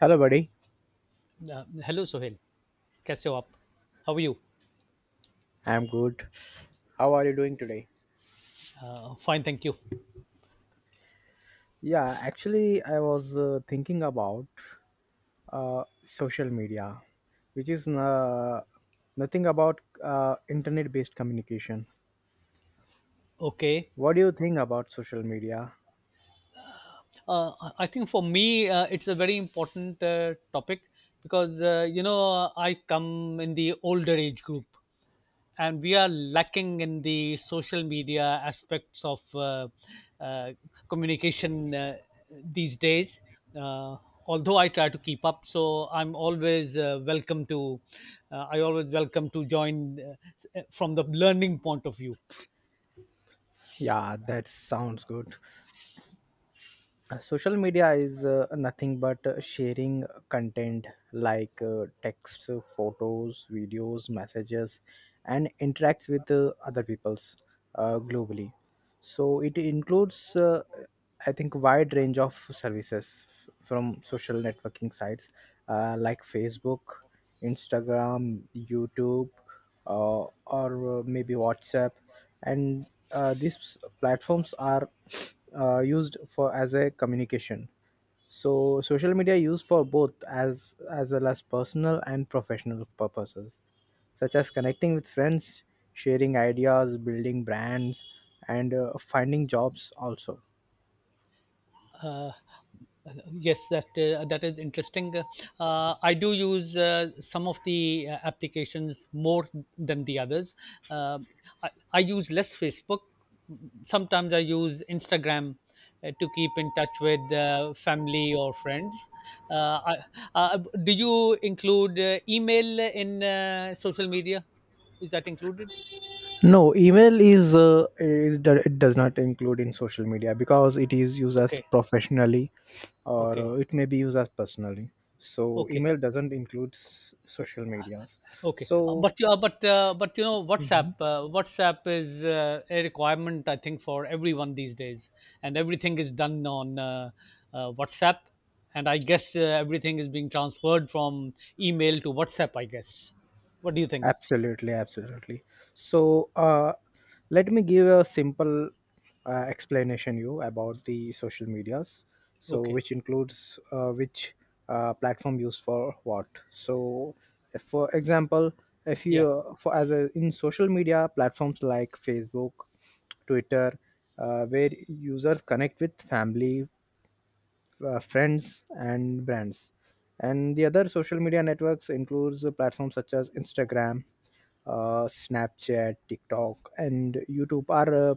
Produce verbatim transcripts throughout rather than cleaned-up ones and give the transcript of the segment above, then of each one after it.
Hello, buddy. Uh, hello, Sohail. कैसे हो आप? How are you? I'm good. How are you doing today? Uh, fine, thank you. Yeah, actually, I was uh, thinking about uh, social media, which is uh, nothing about uh, internet based communication. Okay. What do you think about social media? Uh, I I think for me, uh, it's a very important uh, topic because uh, you know I come in the older age group, and we are lacking in the social media aspects of uh, uh, communication uh, these days. Uh, Although I try to keep up, so I'm always uh, welcome to. Uh, I always welcome to join uh, from the learning point of view. Yeah, that sounds good. Uh, social media is uh, nothing but uh, sharing content like uh, texts, uh, photos, videos, messages, and interacts with uh, other peoples uh, globally, so it includes uh, I think wide range of services f- from social networking sites, uh, like Facebook, Instagram, YouTube, uh, or uh, maybe WhatsApp, and uh, these platforms are uh, used for as a communication, so social media used for both as as well as personal and professional purposes such as connecting with friends, sharing ideas, building brands, and uh, finding jobs also. Uh, yes, that uh, that is interesting. Uh, I do use uh, some of the uh, applications more than the others. Uh, I, I use less Facebook. Sometimes I use Instagram uh, to keep in touch with uh, family or friends. Uh, I, uh, do you include uh, email in uh, social media? Is that included? No, email is uh, is it does not include in social media because it is used as Okay, professionally, or okay, uh, it may be used as personally, so okay. email doesn't include s- social medias, Okay, uh, so. but uh, but uh, but you know WhatsApp. Mhm. Uh, WhatsApp is uh, a requirement, I think, for everyone these days, and everything is done on uh, uh, WhatsApp. And I guess uh, everything is being transferred from email to WhatsApp, I guess. What do you think? Absolutely, absolutely. So uh, let me give a simple uh, explanation you about the social medias. So Okay. which includes uh, which uh, platform used for what. So for example, if Yeah. you for as a, in social media platforms like Facebook, Twitter, uh, where users connect with family, uh, friends and brands, and the other social media networks includes platforms such as Instagram, uh, Snapchat, TikTok, and YouTube are uh,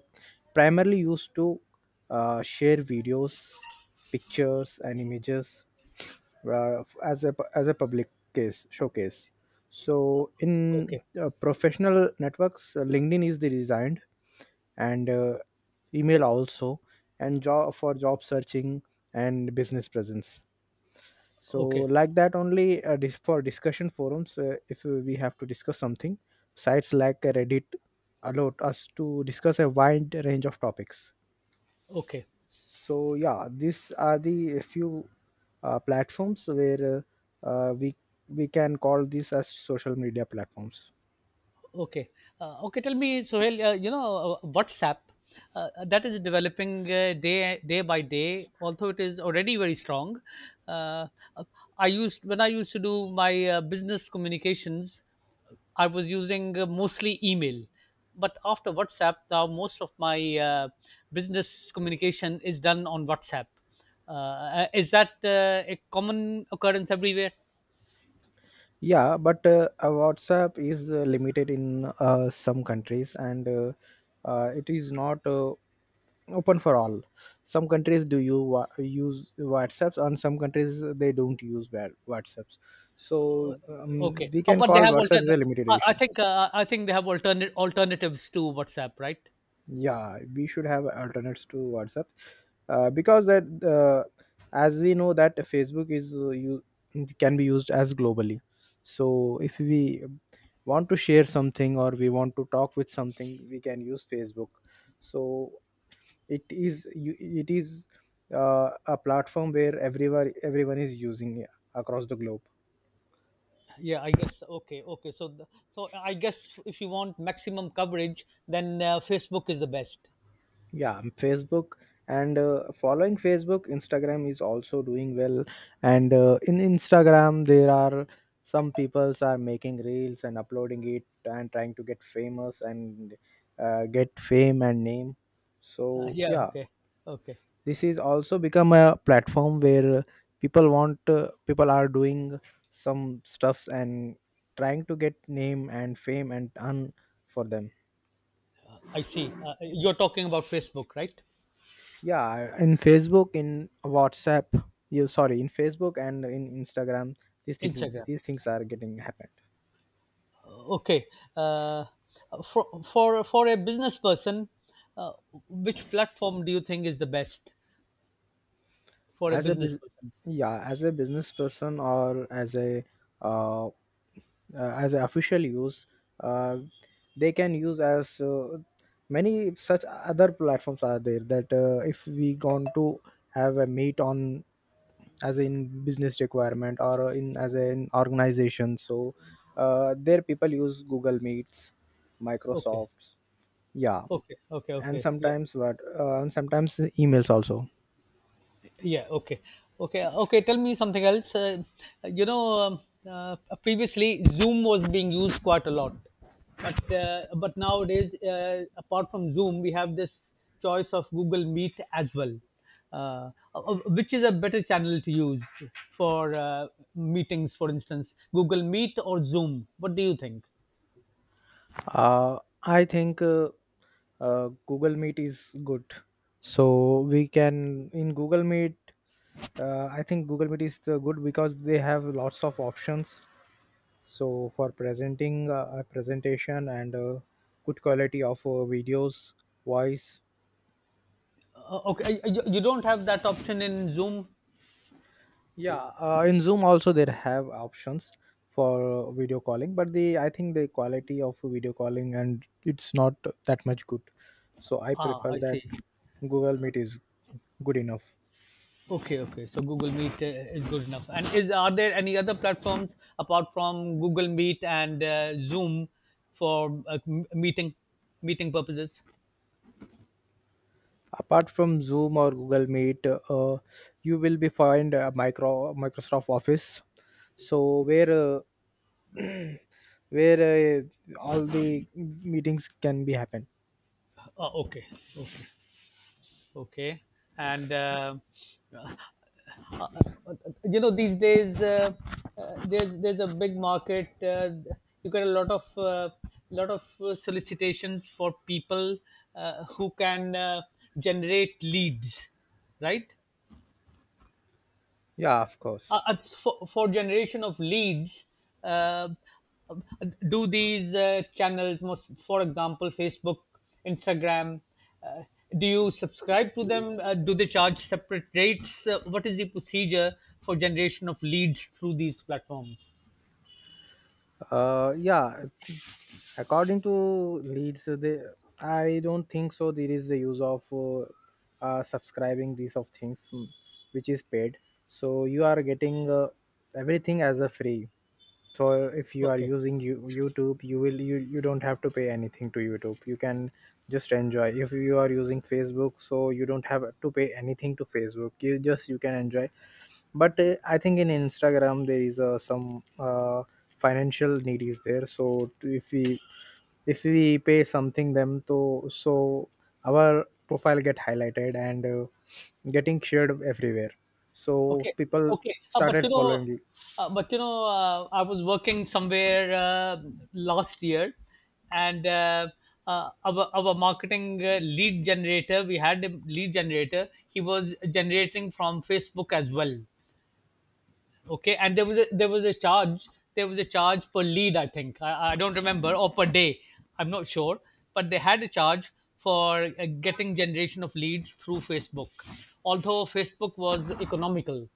primarily used to uh, share videos, pictures, and images, uh, as a as a public case showcase, so in Okay. uh, professional networks, uh, LinkedIn is the design, and uh, email also, and job for job searching and business presence, so Okay. like that only, uh, dis- for discussion forums, uh, if we have to discuss something, sites like Reddit allow us to discuss a wide range of topics. Okay. So yeah, these are the few uh, platforms where uh, uh, we we can call these as social media platforms. Okay. Uh, okay, tell me, Sohail, uh, you know, uh, WhatsApp, uh, that is developing uh, day day by day, although it is already very strong. Uh, uh, I used when I used to do my uh, business communications, I was using uh, mostly email. But after WhatsApp, now most of my uh, business communication is done on WhatsApp. Uh, uh, is that uh, a common occurrence everywhere? Yeah, but uh, uh, WhatsApp is uh, limited in uh, some countries, and uh, uh, it is not uh, open for all. Some countries do you wa- use WhatsApps, and some countries uh, they don't use wa- WhatsApps. So um, Okay. we Uh, can but they call have alter WhatsApp is a limited I I edition. think uh, I think they have alternate alternatives to WhatsApp, right? Yeah, we should have alternates to WhatsApp, uh, because that, uh, as we know that Facebook is uh, you can be used as globally, so if we want to share something or we want to talk with something, we can use Facebook. So it is you- it is uh, a platform where everyone everyone is using uh, across the globe. Yeah, I guess. Okay, okay. So the, so I guess if you want maximum coverage, then uh, Facebook is the best. Yeah, um, Facebook, and uh, following Facebook, Instagram is also doing well, and uh, in Instagram there are some peoples are making reels and uploading it and trying to get famous and uh, get fame and name, Uh, so Yeah. yeah, Okay. Okay. this is also become a platform where people want uh, people are doing some stuffs and trying to get name and fame and earn for them. I see. Uh, you're talking about Facebook, right? Yeah, in Facebook, in WhatsApp, you sorry, in Facebook and in Instagram, these things Instagram. these things are getting happened. Okay. Uh, for for for a business person, uh, which platform do you think is the best for a as a business bus- person? yeah, as a business person, or as a uh, uh, as an official use, uh, they can use as uh, many such other platforms are there that uh, if we going to have a meet on as in business requirement or in as an organization, so uh, there people use Google Meets, Okay. Microsofts, yeah, Okay. Okay. and Okay. Yeah. sometimes what uh, and sometimes emails also. Yeah, okay. Okay, okay, tell me something else. Uh, you know, um, uh, previously Zoom was being used quite a lot. But uh, but nowadays, uh, apart from Zoom, we have this choice of Google Meet as well. Uh, uh, which is a better channel to use for uh, meetings, for instance, Google Meet or Zoom? What do you think? uh, I think uh, uh, Google Meet is good, so we can, in Google Meet, uh, I think Google Meet is uh, good because they have lots of options, so for presenting uh, a presentation and uh, good quality of uh, videos, voice. Uh, okay, uh, you, you don't have that option in Zoom. Yeah, uh, in Zoom also there have options for video calling, but the I think the quality of video calling and it's not that much good. So I Ah, prefer I that see. Google Meet is good enough. Okay, okay. So Google Meet uh, is good enough. And is Are there any other platforms apart from Google Meet and uh, Zoom for uh, m- meeting meeting purposes? Apart from Zoom or Google Meet, uh, you will be find uh, micro Microsoft Office. So, where uh, where uh, all the meetings can be happen. Uh, okay, okay, okay. And uh, you know these days uh, uh, there's there's a big market. Uh, you get a lot of uh, lot of uh, solicitations for people uh, who can uh, generate leads, right? Yeah, of uh, course. uh, for, for generation of leads, uh, do these uh, channels, most, for example, Facebook, Instagram, uh, do you subscribe to them? Uh, do they charge separate rates? Uh, what is the procedure for generation of leads through these platforms? Uh, yeah, according to leads, they, I don't think so. There is the use of uh, uh, subscribing these of things, mm, which is paid. So you are getting uh, everything as a free. So if you are Okay. using you, YouTube, you will you, you don't have to pay anything to YouTube. You can just enjoy. If you are using Facebook, so you don't have to pay anything to Facebook. You just you can enjoy, but uh, I think in Instagram there is uh, some uh, financial need is there, so if we if we pay something them to, so our profile get highlighted and uh, getting shared everywhere, so Okay, people okay. Uh, but started you know, following it. uh, but you know, uh, I was working somewhere uh, last year, and uh, uh, our our marketing uh, lead generator, we had a lead generator. He was generating from Facebook as well. Okay, and there was a, there was a charge. There was a charge per lead, I think. I, I don't remember, or per day. I'm not sure, but they had a charge for uh, getting generation of leads through Facebook. Although Facebook was economical,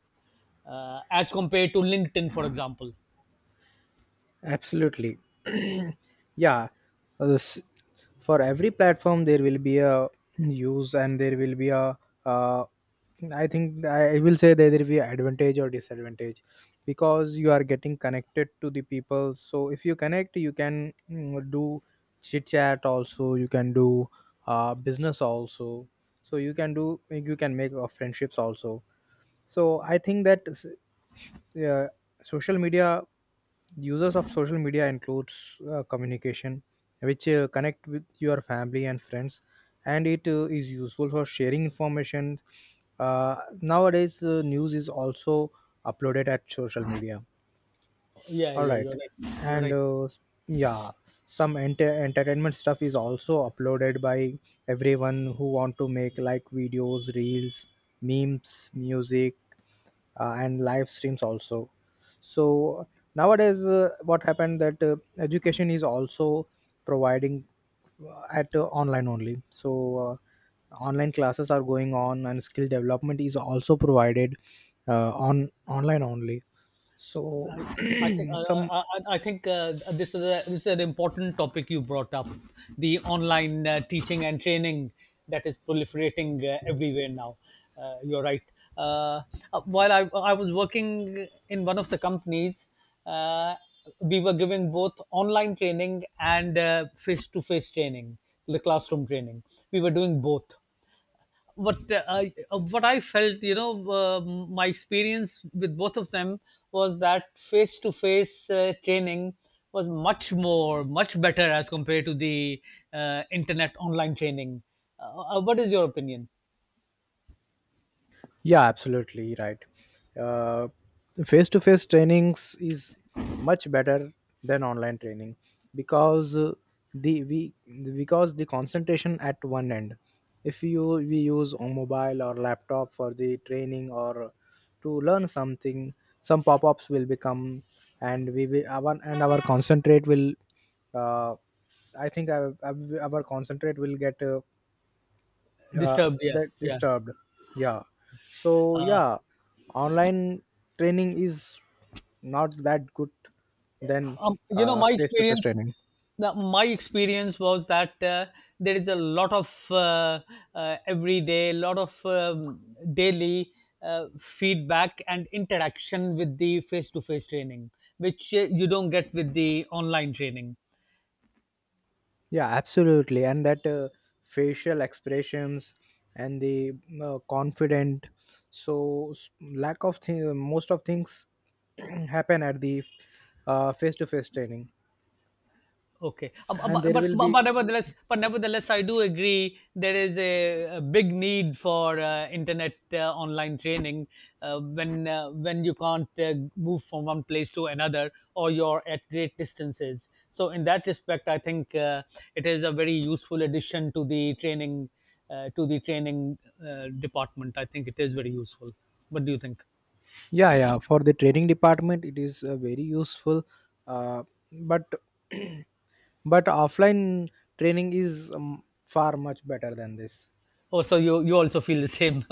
uh, as compared to LinkedIn, for example. Absolutely. Yeah. Uh, s- for every platform there will be a use and there will be a uh, I think I will say that there will be advantage or disadvantage, because you are getting connected to the people. So if you connect, you can mm, do chit chat also. You can do uh, business also. So you can do you can make uh, friendships also. So I think that s- yeah, social media. Uses of social media includes uh, communication, which uh, connect with your family and friends, and it uh, is useful for sharing information. Uh, Nowadays, uh, news is also uploaded at social media. Yeah, All yeah, right, you're right. You're and right. uh, s- yeah, some enter- entertainment stuff is also uploaded by everyone who want to make like videos, reels, memes, music, uh, and live streams also. So nowadays uh, what happened that uh, education is also providing uh, at uh, online only, so uh, online classes are going on, and skill development is also provided uh, on online only, so I I think uh, some. I, I I think uh, this is a, this is an important topic you brought up, the online uh, teaching and training that is proliferating uh, everywhere now. Uh, you're right. Uh, uh, while I I was working in one of the companies, uh, we were giving both online training and face to face training, the classroom training. We were doing both. What uh, I uh, what I felt, you know, uh, my experience with both of them was that face to face training was much more, much better as compared to the uh, internet online training. Uh, uh, what is your opinion? Yeah, absolutely right. Uh, Face to face trainings is much better than online training, because uh, the we because the concentration at one end. If you we use a mobile or laptop for the training or to learn something, some pop-ups will become, and we will our and our concentrate will. Uh, I think our, our our concentrate will get uh, yeah, Disturbed, yeah, that yeah. disturbed, yeah, so yeah, online training is not that good than Um, you know, uh, my face-to-face experience training. the, my experience was that uh, there is a lot of uh, uh, everyday, lot of um, daily uh, feedback and interaction with the face-to-face training, which uh, you don't get with the online training. Yeah, absolutely, and that uh, facial expressions and the uh, confident, so s- lack of thing, most of things happen at the uh, face-to-face training, Okay. Uh, bu- and bu- there But, will but, be, but, nevertheless, but nevertheless, I do agree there is a, a big need for uh, internet uh, online training uh, when uh, when you can't uh, move from one place to another or you're at great distances. So in that respect, I think uh, it is a very useful addition to the training uh, to the training uh, department. I think it is very useful. What do you think? yeah, yeah, for the training department it is uh, very useful, uh, but but offline training is um, far much better than this. Oh, so you you also feel the same?